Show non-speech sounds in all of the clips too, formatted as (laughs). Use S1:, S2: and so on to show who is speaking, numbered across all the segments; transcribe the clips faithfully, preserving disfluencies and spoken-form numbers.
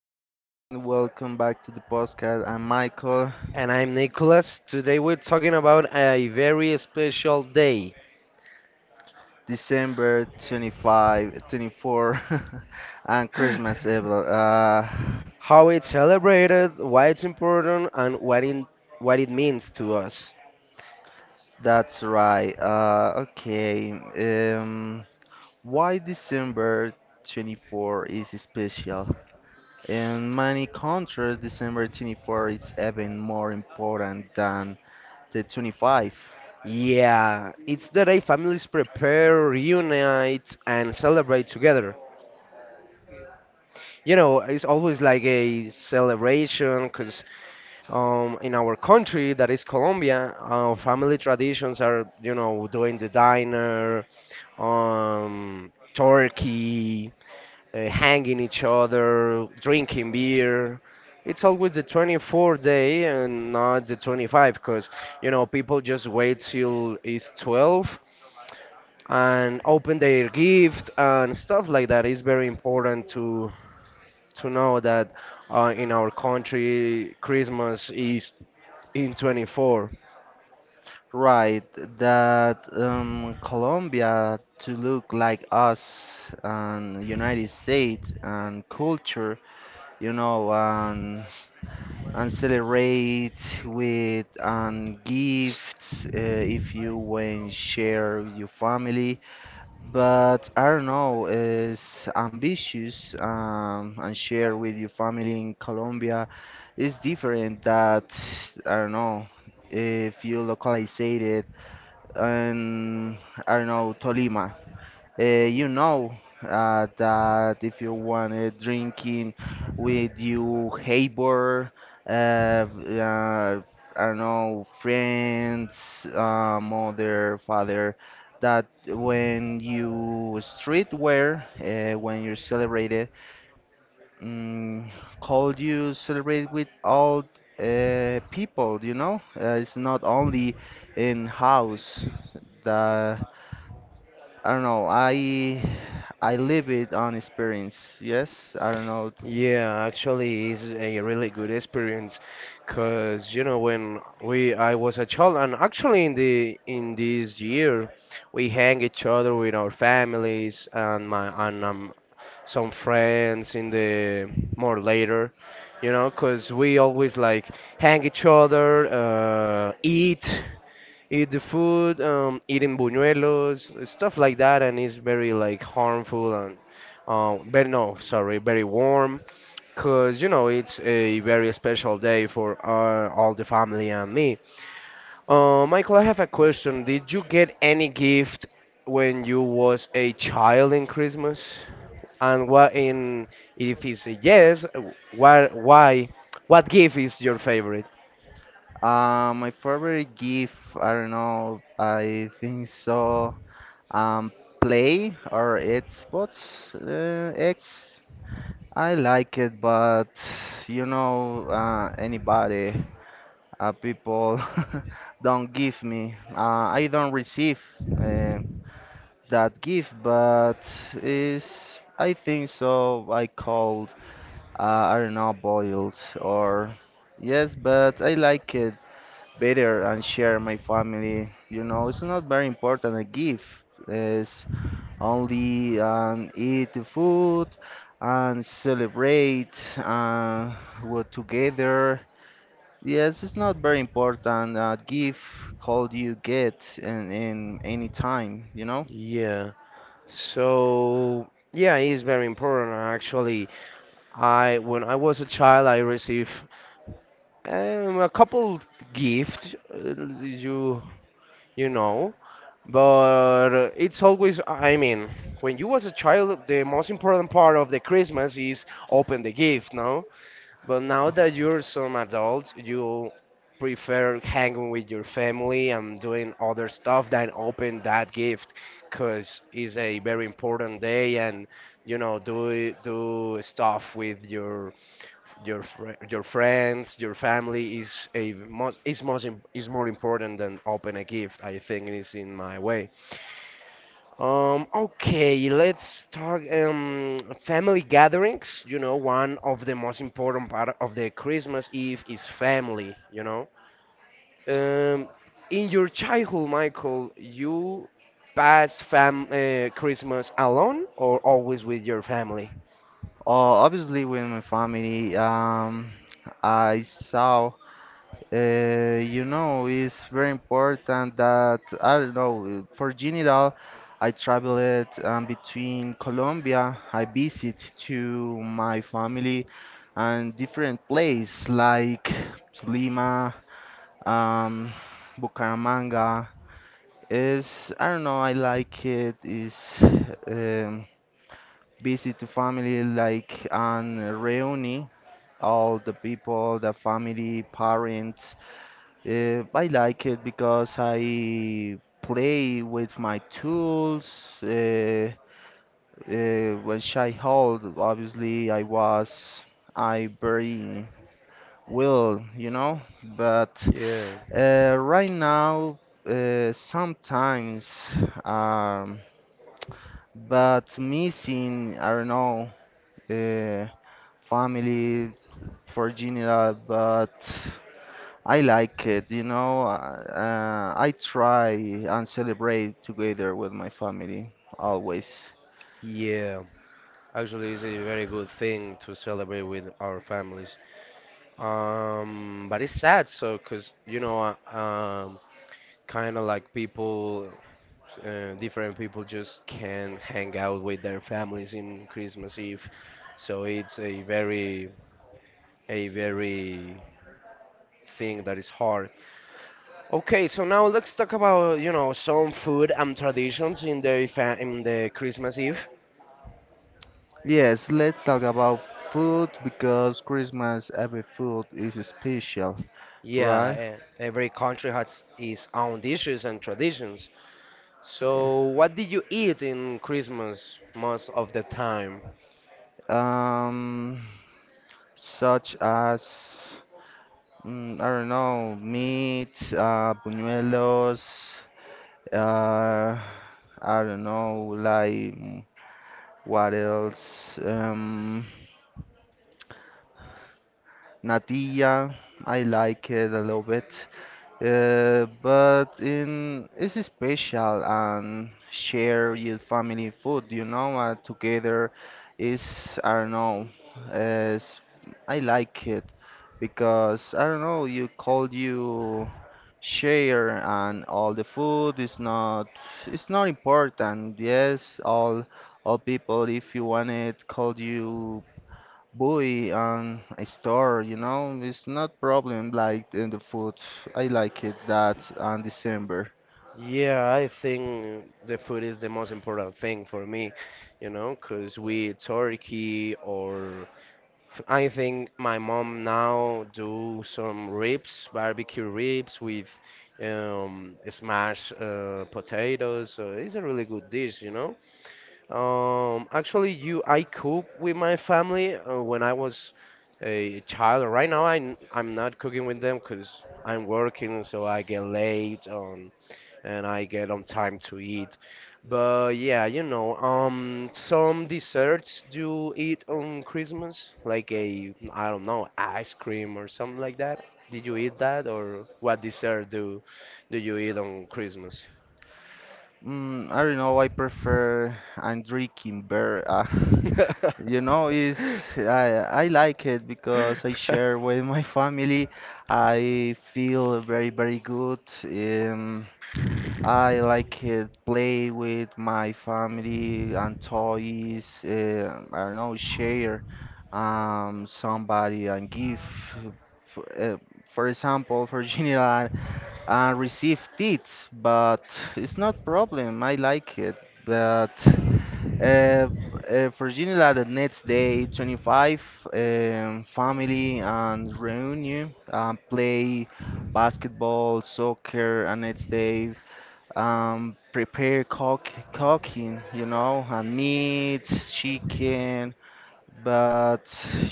S1: everyone. Welcome back to the podcast. I'm Michael.
S2: And I'm Nicholas. Today we're talking about a very special day,
S1: December twenty-five, twenty-four, (laughs) and Christmas Eve. Uh,
S2: how it's celebrated, why it's important, and what it, what it means to us.
S1: that's right. Uh, okay. Um, why December twenty-fourth is special? In many countries, December twenty-fourth is even more important than the twenty-five.
S2: Yeah, it's the day families prepare, reunite, and celebrate together. You know, it's always like a celebration because um, in our country, that is Colombia, our family traditions are, you know, doing the diner, um, turkey, uh, hanging each other, drinking beer. It's always the twenty-fourth day and not the twenty-fifth, because, you know, people just wait till it's twelve and open their gift and stuff like that. It's very important to to know that uh, in our country, Christmas is in twenty-four.
S1: Right, that um, Colombia to look like us and United States and culture, you know, and and celebrate with and gifts uh, if you when share with your family. But I don't know, is ambitious um, and share with your family in Colombia is different that I don't know if you localize it and I don't know, Tolima. Uh, you know uh, that if you want uh, drinking with you neighbor, uh, uh, I don't know, friends, uh, mother, father, that when you street wear, uh, when you celebrate it, mm, called you celebrate with all uh, people, you know? Uh, it's not only in house. The I don't know. I I live it on experience. Yes, I don't know.
S2: Yeah, actually, it's a really good experience, cause you know when we I was a child, and actually in the in this year, we hang each other with our families and my and um, some friends in the more later, you know, cause we always like hang each other, uh, eat, eat the food, um, eating buñuelos, stuff like that, and it's very like harmful um, but no, sorry, very warm, cause you know it's a very special day for uh, all the family and me. Uh, Michael, I have a question. Did you get any gift when you was a child in Christmas? And what in if it's a yes, why why what gift is your favorite?
S1: Uh, my favorite gift, I don't know. I think so. Um, Play or Xbox uh, X. I like it, but you know, uh, anybody, uh, people (laughs) don't give me. Uh, I don't receive uh, that gift, but is I think so. I call Uh, I don't know, boiled or yes, but I like it better and share my family. You know, it's not very important. A gift is only um, eat the food and celebrate uh, we together. Yes, it's not very important. A gift called you get in, in any time, you know.
S2: Yeah. So yeah, it's very important actually. I when I was a child, I received Um, a couple gifts, uh, you you know, but uh, it's always. I mean, when you was a child, the most important part of the Christmas is open the gift, no? But now that you're some adult, you prefer hanging with your family and doing other stuff than open that gift, cause it's a very important day and you know do do stuff with your your fri your friends, your family is a most is much im- is more important than open a gift. I think it is in my way. Um, okay, let's talk um family gatherings. You know, one of the most important part of the Christmas Eve is family. You know, um, in your childhood, Michael, you pass fam uh, Christmas alone or always with your family?
S1: Uh, obviously, with my family, um, I saw. Uh, you know, it's very important that I don't know. For general, I traveled um, between Colombia. I visit to my family and different place like Lima, um, Bucaramanga. Is I don't know. I like it. Is um, visit to family like and reuni all the people, the family, parents uh, I like it because I play with my tools. Uh, uh, when child, obviously, I was I very well, you know. But
S2: Yeah.
S1: uh, right now, uh, sometimes, um, but missing, I don't know, uh, family for general, but. I like it, you know. Uh, I try and celebrate together with my family always.
S2: Yeah. Actually, it's a very good thing to celebrate with our families. Um, but it's sad, so because you know, uh, um, kind of like people, uh, different people just can hang out with their families in Christmas Eve. So it's a very, a very thing that is hard. Okay, so now let's talk about you know some food and traditions in the fa- in the Christmas Eve.
S1: Yes, let's talk about food because Christmas every food is special, right?
S2: Yeah, e- every country has its own dishes and traditions. So, what did you eat in Christmas most of the time?
S1: Um, Such as mm, I don't know, meat, uh, buñuelos, uh, I don't know, like mm, what else? Um. Nadia, I like it a little bit, uh, but in it's special and share your family food, you know, uh, together is I don't know, is I like it because I don't know, you call you share and all the food is not it's not important. Yes, all all people if you want it call you buy on a store, you know, it's not problem like in the food. I like it that on December.
S2: Yeah, I think the food is the most important thing for me, you know, because we eat turkey or f- I think my mom now do some ribs, barbecue ribs with um, smashed uh, potatoes. So it's a really good dish, you know. Um, actually, you, I cook with my family uh, when I was a child. Right now, I I'm not cooking with them because I'm working, so I get late um, and I get on time to eat. But yeah, you know, um, some desserts you eat on Christmas, like a, I don't know, ice cream or something like that. Did you eat that, or what dessert do do you eat on Christmas?
S1: Mm, I don't know, I prefer I'm drinking beer. Uh, (laughs) you know, is I I like it because I share
S2: (laughs)
S1: with my (laughs) family. I feel very very good. Um, I like it play with my family and toys. Uh, I don't know, share um somebody and give. For, uh, for example, for (laughs) general, I receive tips, but it's not problem. I like it, but uh, uh, for general, the next day, twenty-five, um, family and reunion, uh, play basketball, soccer, and next day um, prepare cook, cooking, you know, and meat, chicken, but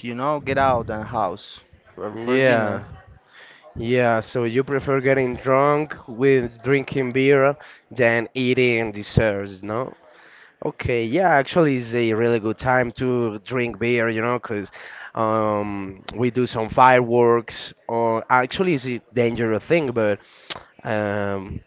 S1: you know, get out and house for, for
S2: Yeah,
S1: dinner.
S2: yeah. So you prefer getting drunk with drinking beer than eating desserts, no? Okay, yeah, actually, it's a really good time to drink beer, you know, because um, we do some fireworks, or actually, it's a dangerous thing, but um,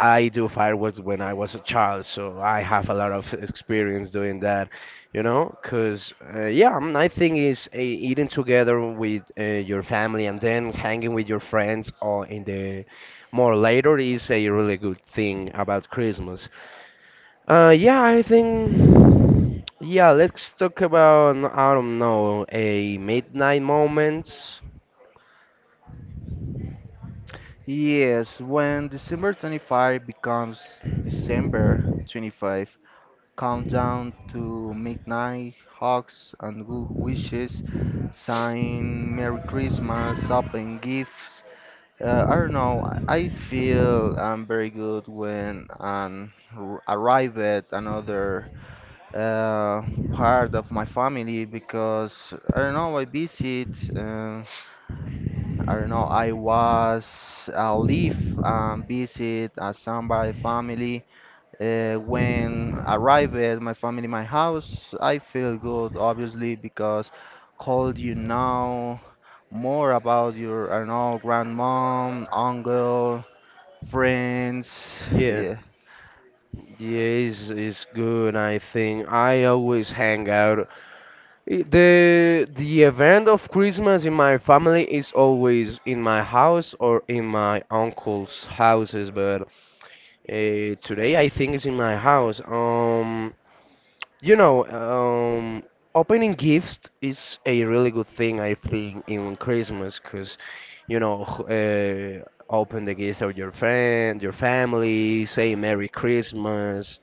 S2: I do fireworks when I was a child, so I have a lot of experience doing that, you know, because uh, yeah, um, I think is uh, eating together with uh, your family and then hanging with your friends or in the more later is a really good thing about Christmas. Uh, yeah, I think. Yeah, let's talk about I I don't know a midnight moment.
S1: Yes, when December twenty-fifth becomes December twenty-fifth, countdown to midnight, hugs and good wishes, sign Merry Christmas, open gifts. Uh, I don't know. I I feel I'm very good when I arrive at another uh, part of my family because I don't know. I visit. Uh, I don't know. I was I leave and visit uh, somebody family. Uh, when arrive at my family, my house, I feel good obviously because called you now more about your I don't know grandmom, uncle friends,
S2: Yeah,
S1: yeah,
S2: yeah, is is good. I think I always hang out. I- the The event of Christmas in my family is always in my house or in my uncle's houses, but uh, today I think it's in my house. Um, You know, um, opening gifts is a really good thing, I think, in Christmas, because, you know, h- uh, open the gifts of your friend, your family, say Merry Christmas,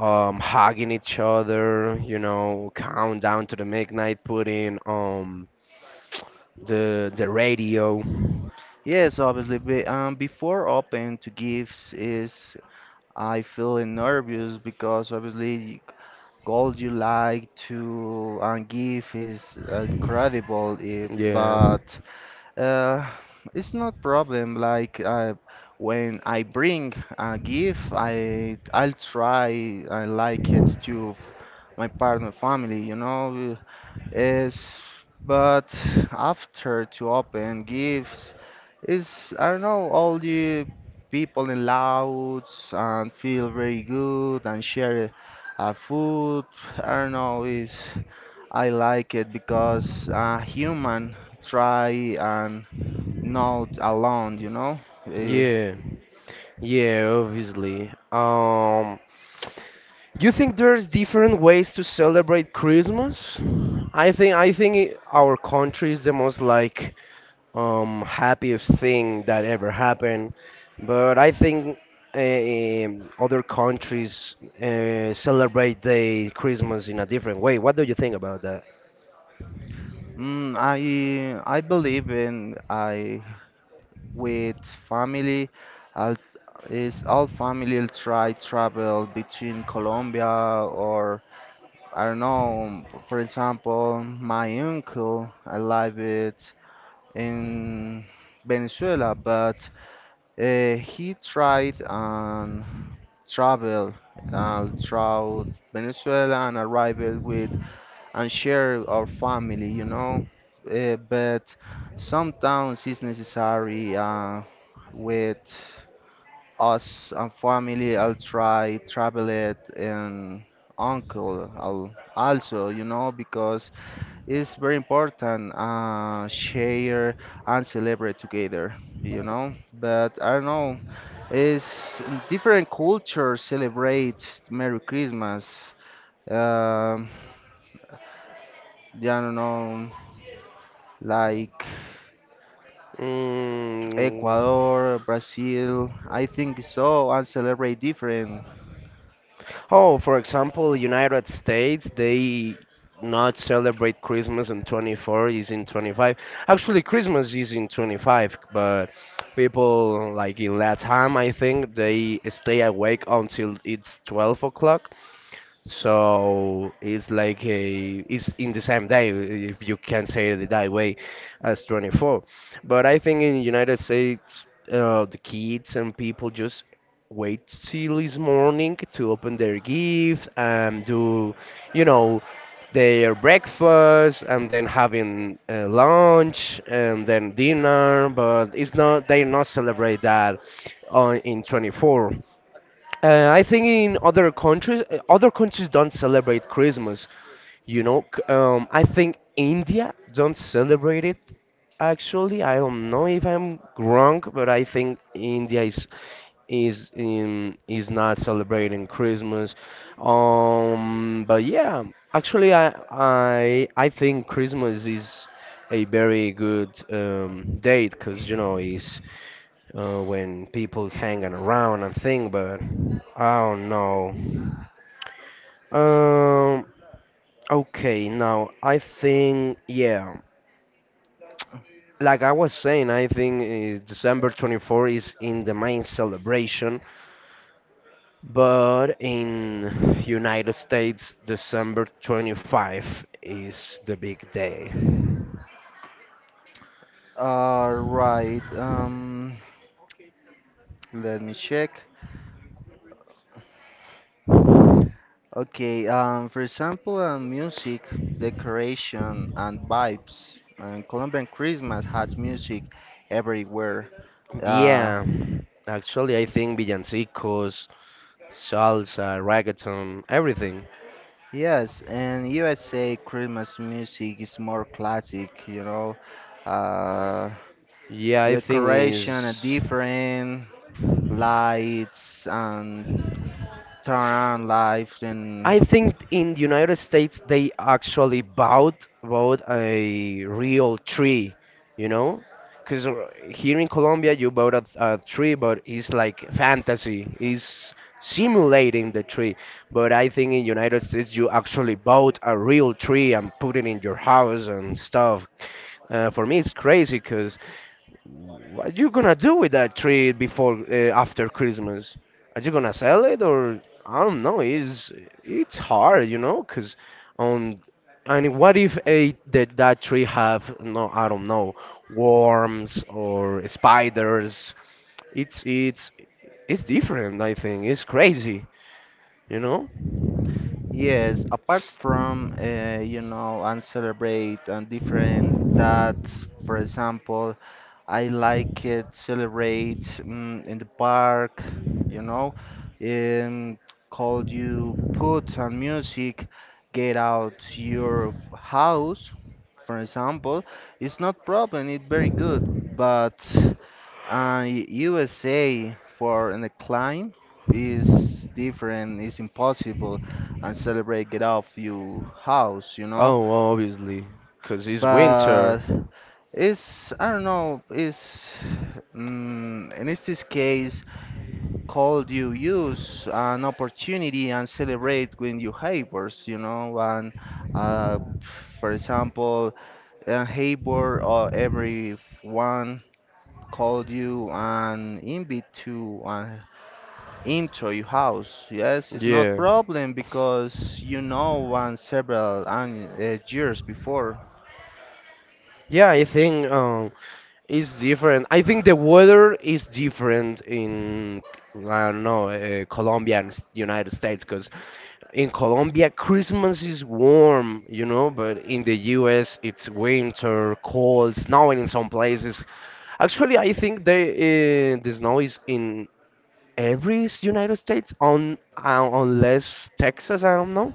S2: um, hugging each other, you know, count down to the midnight, putting um the the radio.
S1: yes, obviously. But um, before open to gifts is I feel nervous because obviously gold you like to um, give is incredible, eh,
S2: Yeah.
S1: but uh, it's not problem. Like uh, when I bring a gift, I I'll try I like it to f- my partner family, you know. Is but after to open gifts is I don't know all the people in louds and feel very good and share uh, food. I don't know is I like it because uh, human try and not alone. You know. Eh,
S2: Yeah. Yeah, obviously. Um, you think there's different ways to celebrate Christmas? I think I think it- our country is the most like um happiest thing that ever happened, but I think um, other countries uh, celebrate the Christmas in a different way. What do you think about that?
S1: mm, I I believe in I. With family. I'll is all family will try travel between Colombia or I don't know. For example, my uncle, I live it in Venezuela, but uh, he tried and travel uh, throughout Venezuela and arrived with and share our family, you know. Uh, but sometimes it's necessary uh, with us and family. I'll try travel it and uncle I'll also, you know, because it's very important uh, share and celebrate together, you know. But I don't know, it's different cultures celebrate Merry Christmas. Um, yeah, I don't know, like
S2: Mm,
S1: Ecuador, Brazil. I think so and celebrate different.
S2: Oh, for example, United States, they not celebrate Christmas on twenty-four, is in twenty-five. Actually, Christmas is in twenty-five, but people like in Latam, I think they stay awake until it's twelve o'clock. So it's like a it's in the same day if you can say it that way as twenty-four. But I think in United States, uh, the kids and people just wait till this morning to open their gift and do, you know, their breakfast and then having uh, lunch and then dinner. But it's not they not celebrate that on in twenty-four. Uh, I think in other countries, uh, other countries don't celebrate Christmas. You know, C- um, I think India don't celebrate it. Actually, I don't know if I'm wrong, but I think India is is in is not celebrating Christmas. Um, but yeah, actually, I I I think Christmas is a very good um, date because you know it's uh, when people hanging around and thing, but I don't know. Um, okay, now I think, yeah, like I was saying, I think uh, December twenty-fourth is in the main celebration, but in United States, December twenty-fifth is the big day.
S1: Uh, right. Um, Let me check. Okay, um, for example, uh, music, decoration, and vibes. And Colombian Christmas has music everywhere. Uh,
S2: Yeah, actually, I think villancicos, salsa, reggaeton, everything.
S1: yes, and U S A Christmas music is more classic, you know. Uh,
S2: Yeah, I think
S1: Decoration are
S2: is
S1: different, lights and turn lights and
S2: I think in the United States they actually bought bought a real tree, you know, because here in Colombia you bought a, a tree, but it's like fantasy, it's simulating the tree. But I think in United States you actually bought a real tree and put it in your house and stuff. Uh, for me, it's crazy because what are you gonna do with that tree before uh, after Christmas? Are you gonna sell it or I don't know. It's it's hard, you know? Cause, um, and what if a that that tree have no I don't know worms or spiders? It's it's it's different. I think it's crazy, you know.
S1: yes, apart from uh, you know and celebrate and different that for example I like it, celebrate mm, in the park, you know, and call you put on music, get out your f- house, for example. It's not problem, it's very good, but uh, U S A for an climb is different, it's impossible and celebrate get off your house, you know,
S2: Oh, obviously, cause it's
S1: but
S2: winter.
S1: it's I don't know it's mm, in this case called you use an opportunity and celebrate with your neighbors, you know, and uh, for example a neighbor or everyone called you and invite to and into your house, yes it's not
S2: Yeah.
S1: problem because you know one several an- uh, years before.
S2: Yeah, I think. Um, It's different. I think the weather is different in, I don't know, uh, Colombia and s- United States, because in Colombia, Christmas is warm, you know, but in the U S, it's winter, cold, snowing in some places. Actually, I think they, uh, the snow is in every s- United States, on, uh, unless Texas, I don't know.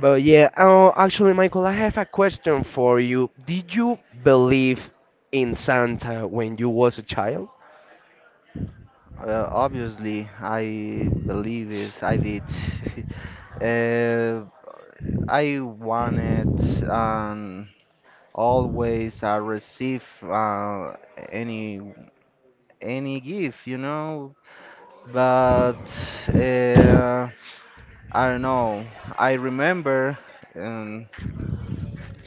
S2: But yeah, oh, actually, Michael, I have a question for you. Did you believe in Santa when you was a child?
S1: Uh, obviously, I believe it. I did. (laughs) Uh, I wanted um, always I receive uh, any any gift, you know. But uh, I don't know. I remember um,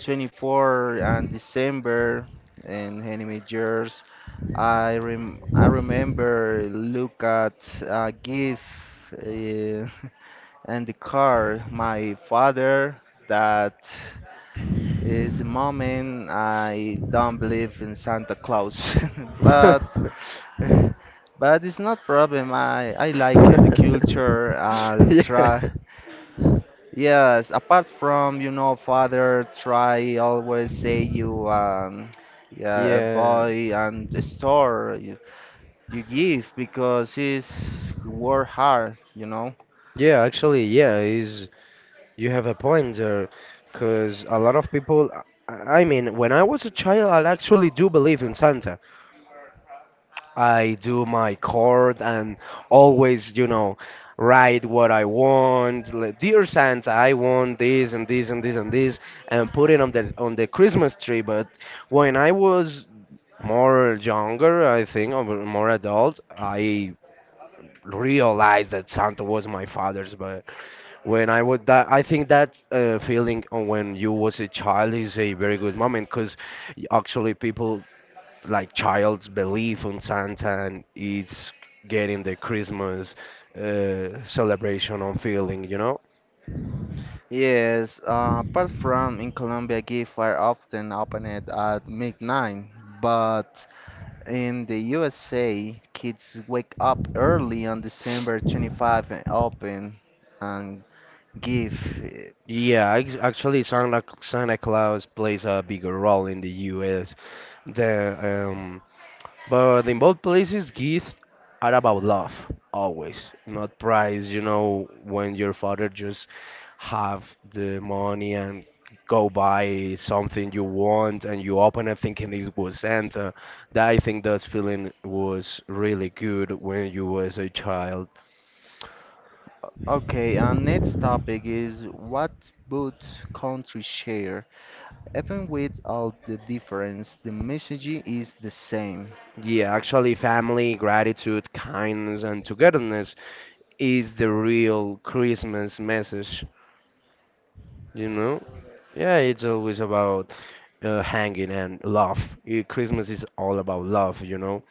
S1: twenty-fourth and December in enemy years. I rem I remember look at uh, gift. Uh, (laughs) and the car, my father, that is the moment I don't believe in Santa Claus. (laughs) But
S2: (laughs)
S1: (laughs) but it's not problem. I I like it, the culture. I'll try.
S2: Yeah.
S1: Yes, apart from you know, father try always say you um yeah
S2: Yeah,
S1: boy and the store you, you give because he's work hard, you know.
S2: yeah, actually, yeah, is you have a point there, because a lot of people, I I mean, when I was a child, I actually do believe in Santa. I do my court and always, you know, write what I want. Like, Dear Santa, I want this and this and this and this, and put it on the on the Christmas tree. But when I was more younger, I think, or more adult, I realized that Santa was my father's. But when I would that, I think that uh, feeling on when you was a child is a very good moment because actually people like child's belief on Santa and it's getting the Christmas uh, celebration on feeling, you know?
S1: Yes, uh, apart from in Colombia, gift are often opened at midnight, but in the U S A, kids wake up early on December twenty-fifth and open and give. It.
S2: Yeah, ex- actually, Santa Santa Claus plays a bigger role in the U S than um, But in both places, gifts are about love, always, not price. You know, when your father just have the money and go buy something you want and you open it thinking it was Santa. That I think that feeling was really good when you was a child.
S1: Okay, our next topic is what both countries share. Even with all the difference, the message is the same.
S2: Yeah, actually, family, gratitude, kindness, and togetherness is the real Christmas message. You know. Yeah, it's always about uh, hanging and love. Eh, Christmas is all about love, you know.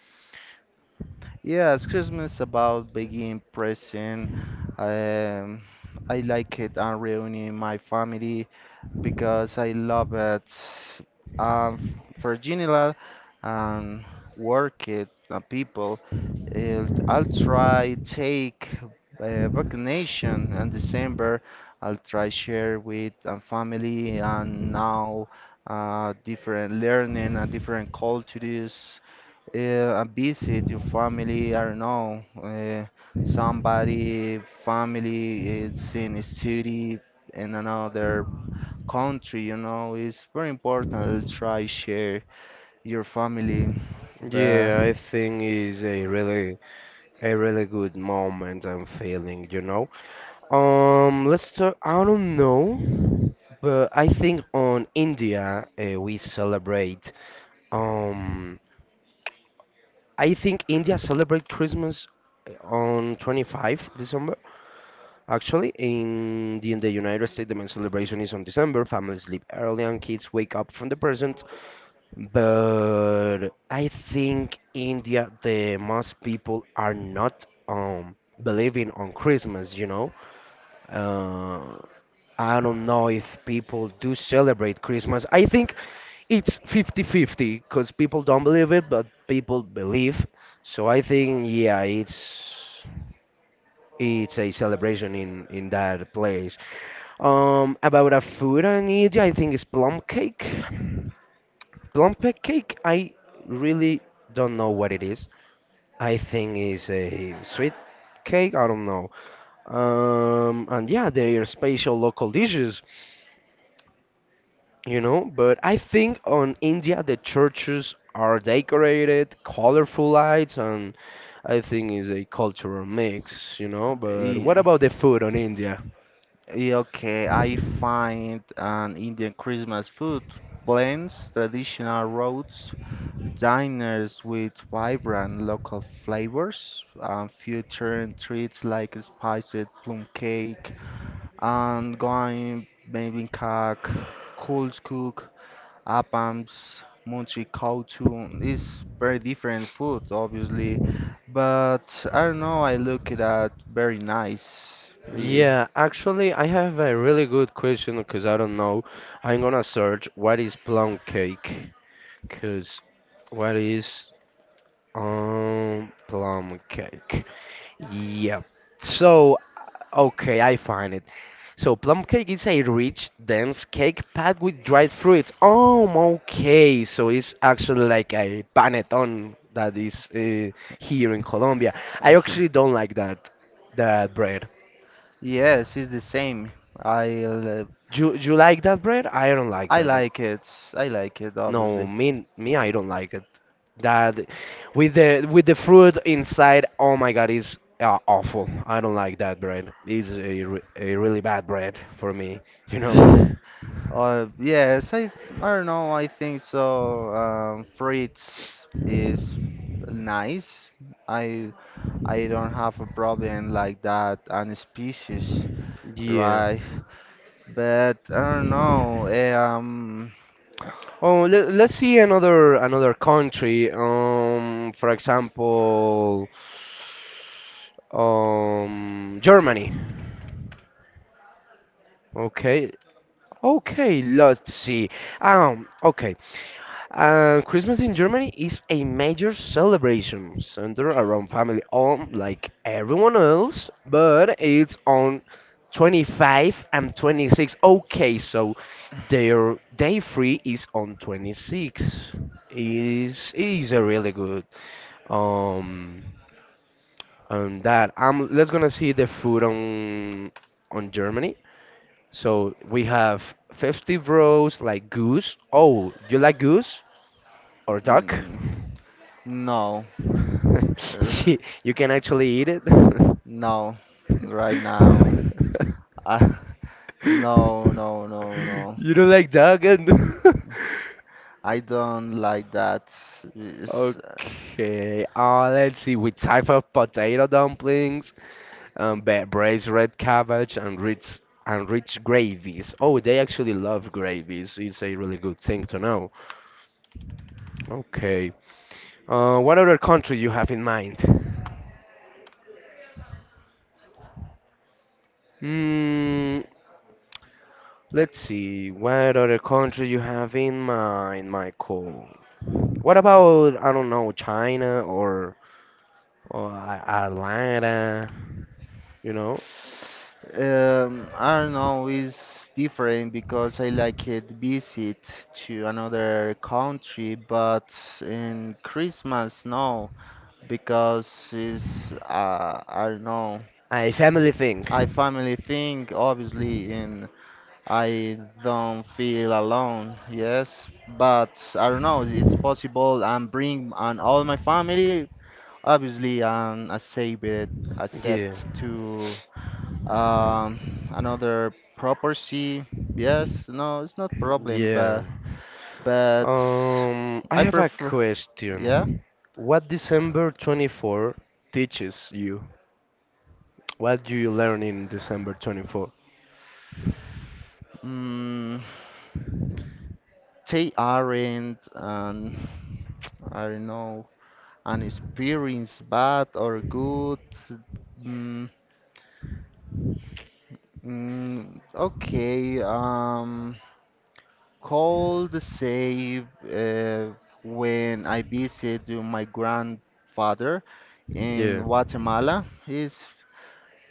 S1: Yes, Christmas about being present. Um, I like it and reunion my family because I love it. Um, f- for general and work it uh, people, it, I'll try take uh, vacation in December. I'll try share with uh, family and now uh, different learning and different cultures uh, a visit your family, I don't know, uh, somebody family is in a city in another country, you know, it's very important to try share your family. But
S2: Yeah, I think it's a really a really good moment I'm feeling, you know. Um, let's talk. I don't know, but I think on India uh, we celebrate. Um, I think India celebrate Christmas uh, on twenty-fifth December. Actually, in the, in the United States, the main celebration is on December. Families sleep early and kids wake up from the present. But I think India, the most people are not um believing on Christmas, you know. Uh, I don't know if people do celebrate Christmas. I think it's fifty-fifty because people don't believe it, but people believe. So I think yeah, it's it's a celebration in in that place. Um, about a food in India, I think it's plum cake. Plum cake, I really don't know what it is. I think it's a sweet cake. I don't know. Um, and yeah, they are special local dishes, you know. But I think on India the churches are decorated, colorful lights, and I think it's a cultural mix, you know. But what
S1: yeah,
S2: about the food on India?
S1: yeah, okay, I find an Indian Christmas food blends traditional roots Diners with vibrant local flavors, uh, featuring treats like spiced plum cake, and going baby cake, cold cook, appams, munchie kautu. It's very different food, obviously, but I don't know. I look it at very nice. Yeah.
S2: Yeah, actually, I have a really good question because I don't know. I'm gonna search what is plum cake. Cause what is um plum cake? Yep. So okay, I find it. So plum cake is a rich, dense cake packed with dried fruits. Oh, okay. So it's actually like a panettone that is uh, here in Colombia. I
S1: (laughs) Yeah.
S2: actually don't like that that bread.
S1: Yes, it's the same. I l-
S2: Do you you like that bread? I don't like
S1: I
S2: that.
S1: like it. I like it,
S2: No,
S1: obviously.
S2: me me I don't like it. That with the with the fruit inside, oh my God, is uh, awful. I don't like that bread. It's a, re- a really bad bread for me, (laughs) you know?
S1: (sighs) Uh, yes, I I don't know. I think so. Um, fruits is nice. I I don't have a problem like that. And species,
S2: Yeah.
S1: right? (sighs) But I don't know. eh, Um,
S2: Oh, let, let's see another another country. Um, for example, um, Germany. Okay, Okay, let's see. Um, okay. Uh, Christmas in Germany is a major celebration centered around family, on like everyone else, but it's on twenty-five and twenty-six. Okay, so their day free is on twenty-six. Is is a really good um on that. I'm let's gonna see the food on on Germany. So we have fifty rows like goose. Oh, you like goose or duck?
S1: mm, no,
S2: (laughs)
S1: er,
S2: You you can actually eat it. (laughs)
S1: no, right now. I, (laughs) no, no, no, no.
S2: You don't like duck and (laughs)
S1: I don't like that. It's.
S2: Okay, uh, let's see. With type of potato dumplings, um, ba- braised red cabbage, and rich and rich gravies. Oh, they actually love gravies. It's a really good thing to know. Okay. Uh, what other country you have in mind? Hmm, let's see. What other country you have in mind, Michael? What about, I don't know, China, or or A- Atlanta? You know,
S1: Um, I don't know, it's different because I like it visit to another country, but in Christmas, no, because it's, uh, I don't know,
S2: a family thing.
S1: I family thing, obviously, and I don't feel alone, yes, but I don't know, it's possible and bring and all my family, obviously, um, accept it,
S2: Yeah,
S1: accept to. Um, Another property. Yes, no, it's not problem,
S2: yeah.
S1: but but
S2: Um, I
S1: I
S2: have a
S1: prefer. Yeah.
S2: question. What December twenty-fourth teaches you? What do you learn in December twenty-fourth?
S1: Mm, they aren't an I don't know an experience bad or good. Mm, mm, okay. Um, call the save uh, when I visit to my grandfather in
S2: Yeah.
S1: Guatemala. He's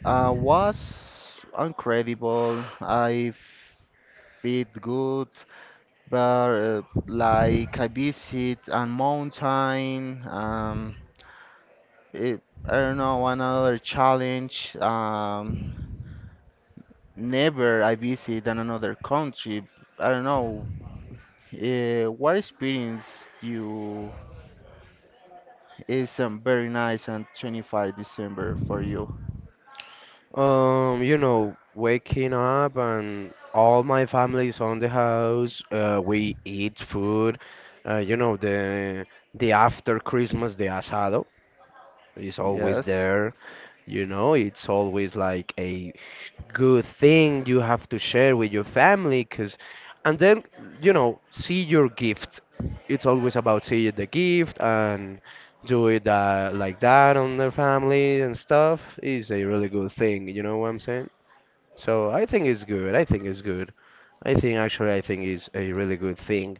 S1: Uh, was incredible. I feel good, but uh, like I visit a mountain. Um, it, I don't know another challenge. Um, never I visit in another country. I don't know. Uh, what experience you is um, very nice on twenty-five December for you?
S2: Um, you know, waking up and all my family's on the house. Uh, we eat food. Uh, you know, the the after Christmas, the asado is always
S1: Yes.
S2: there. You know, it's always like a good thing you have to share with your family, 'cause, and then you know, see your gift. It's always about seeing the gift and do it uh, like that on their family and stuff is a really good thing. You know what I'm saying? So I think it's good. I think it's good. I think actually I think it's a really good thing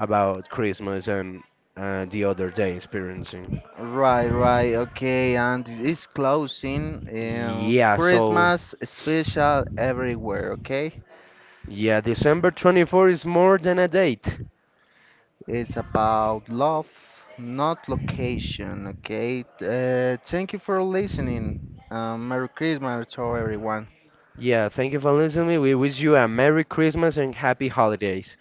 S2: about Christmas and uh, the other day experiencing.
S1: Right, right, okay, and it's closing um,
S2: Yeah, so
S1: Christmas special everywhere, okay?
S2: yeah, December twenty-fourth is more than a date.
S1: It's about love, not location, okay? Uh, thank you for listening. Um, Merry Christmas to everyone.
S2: Yeah, thank you for listening. We wish you a Merry Christmas and Happy Holidays.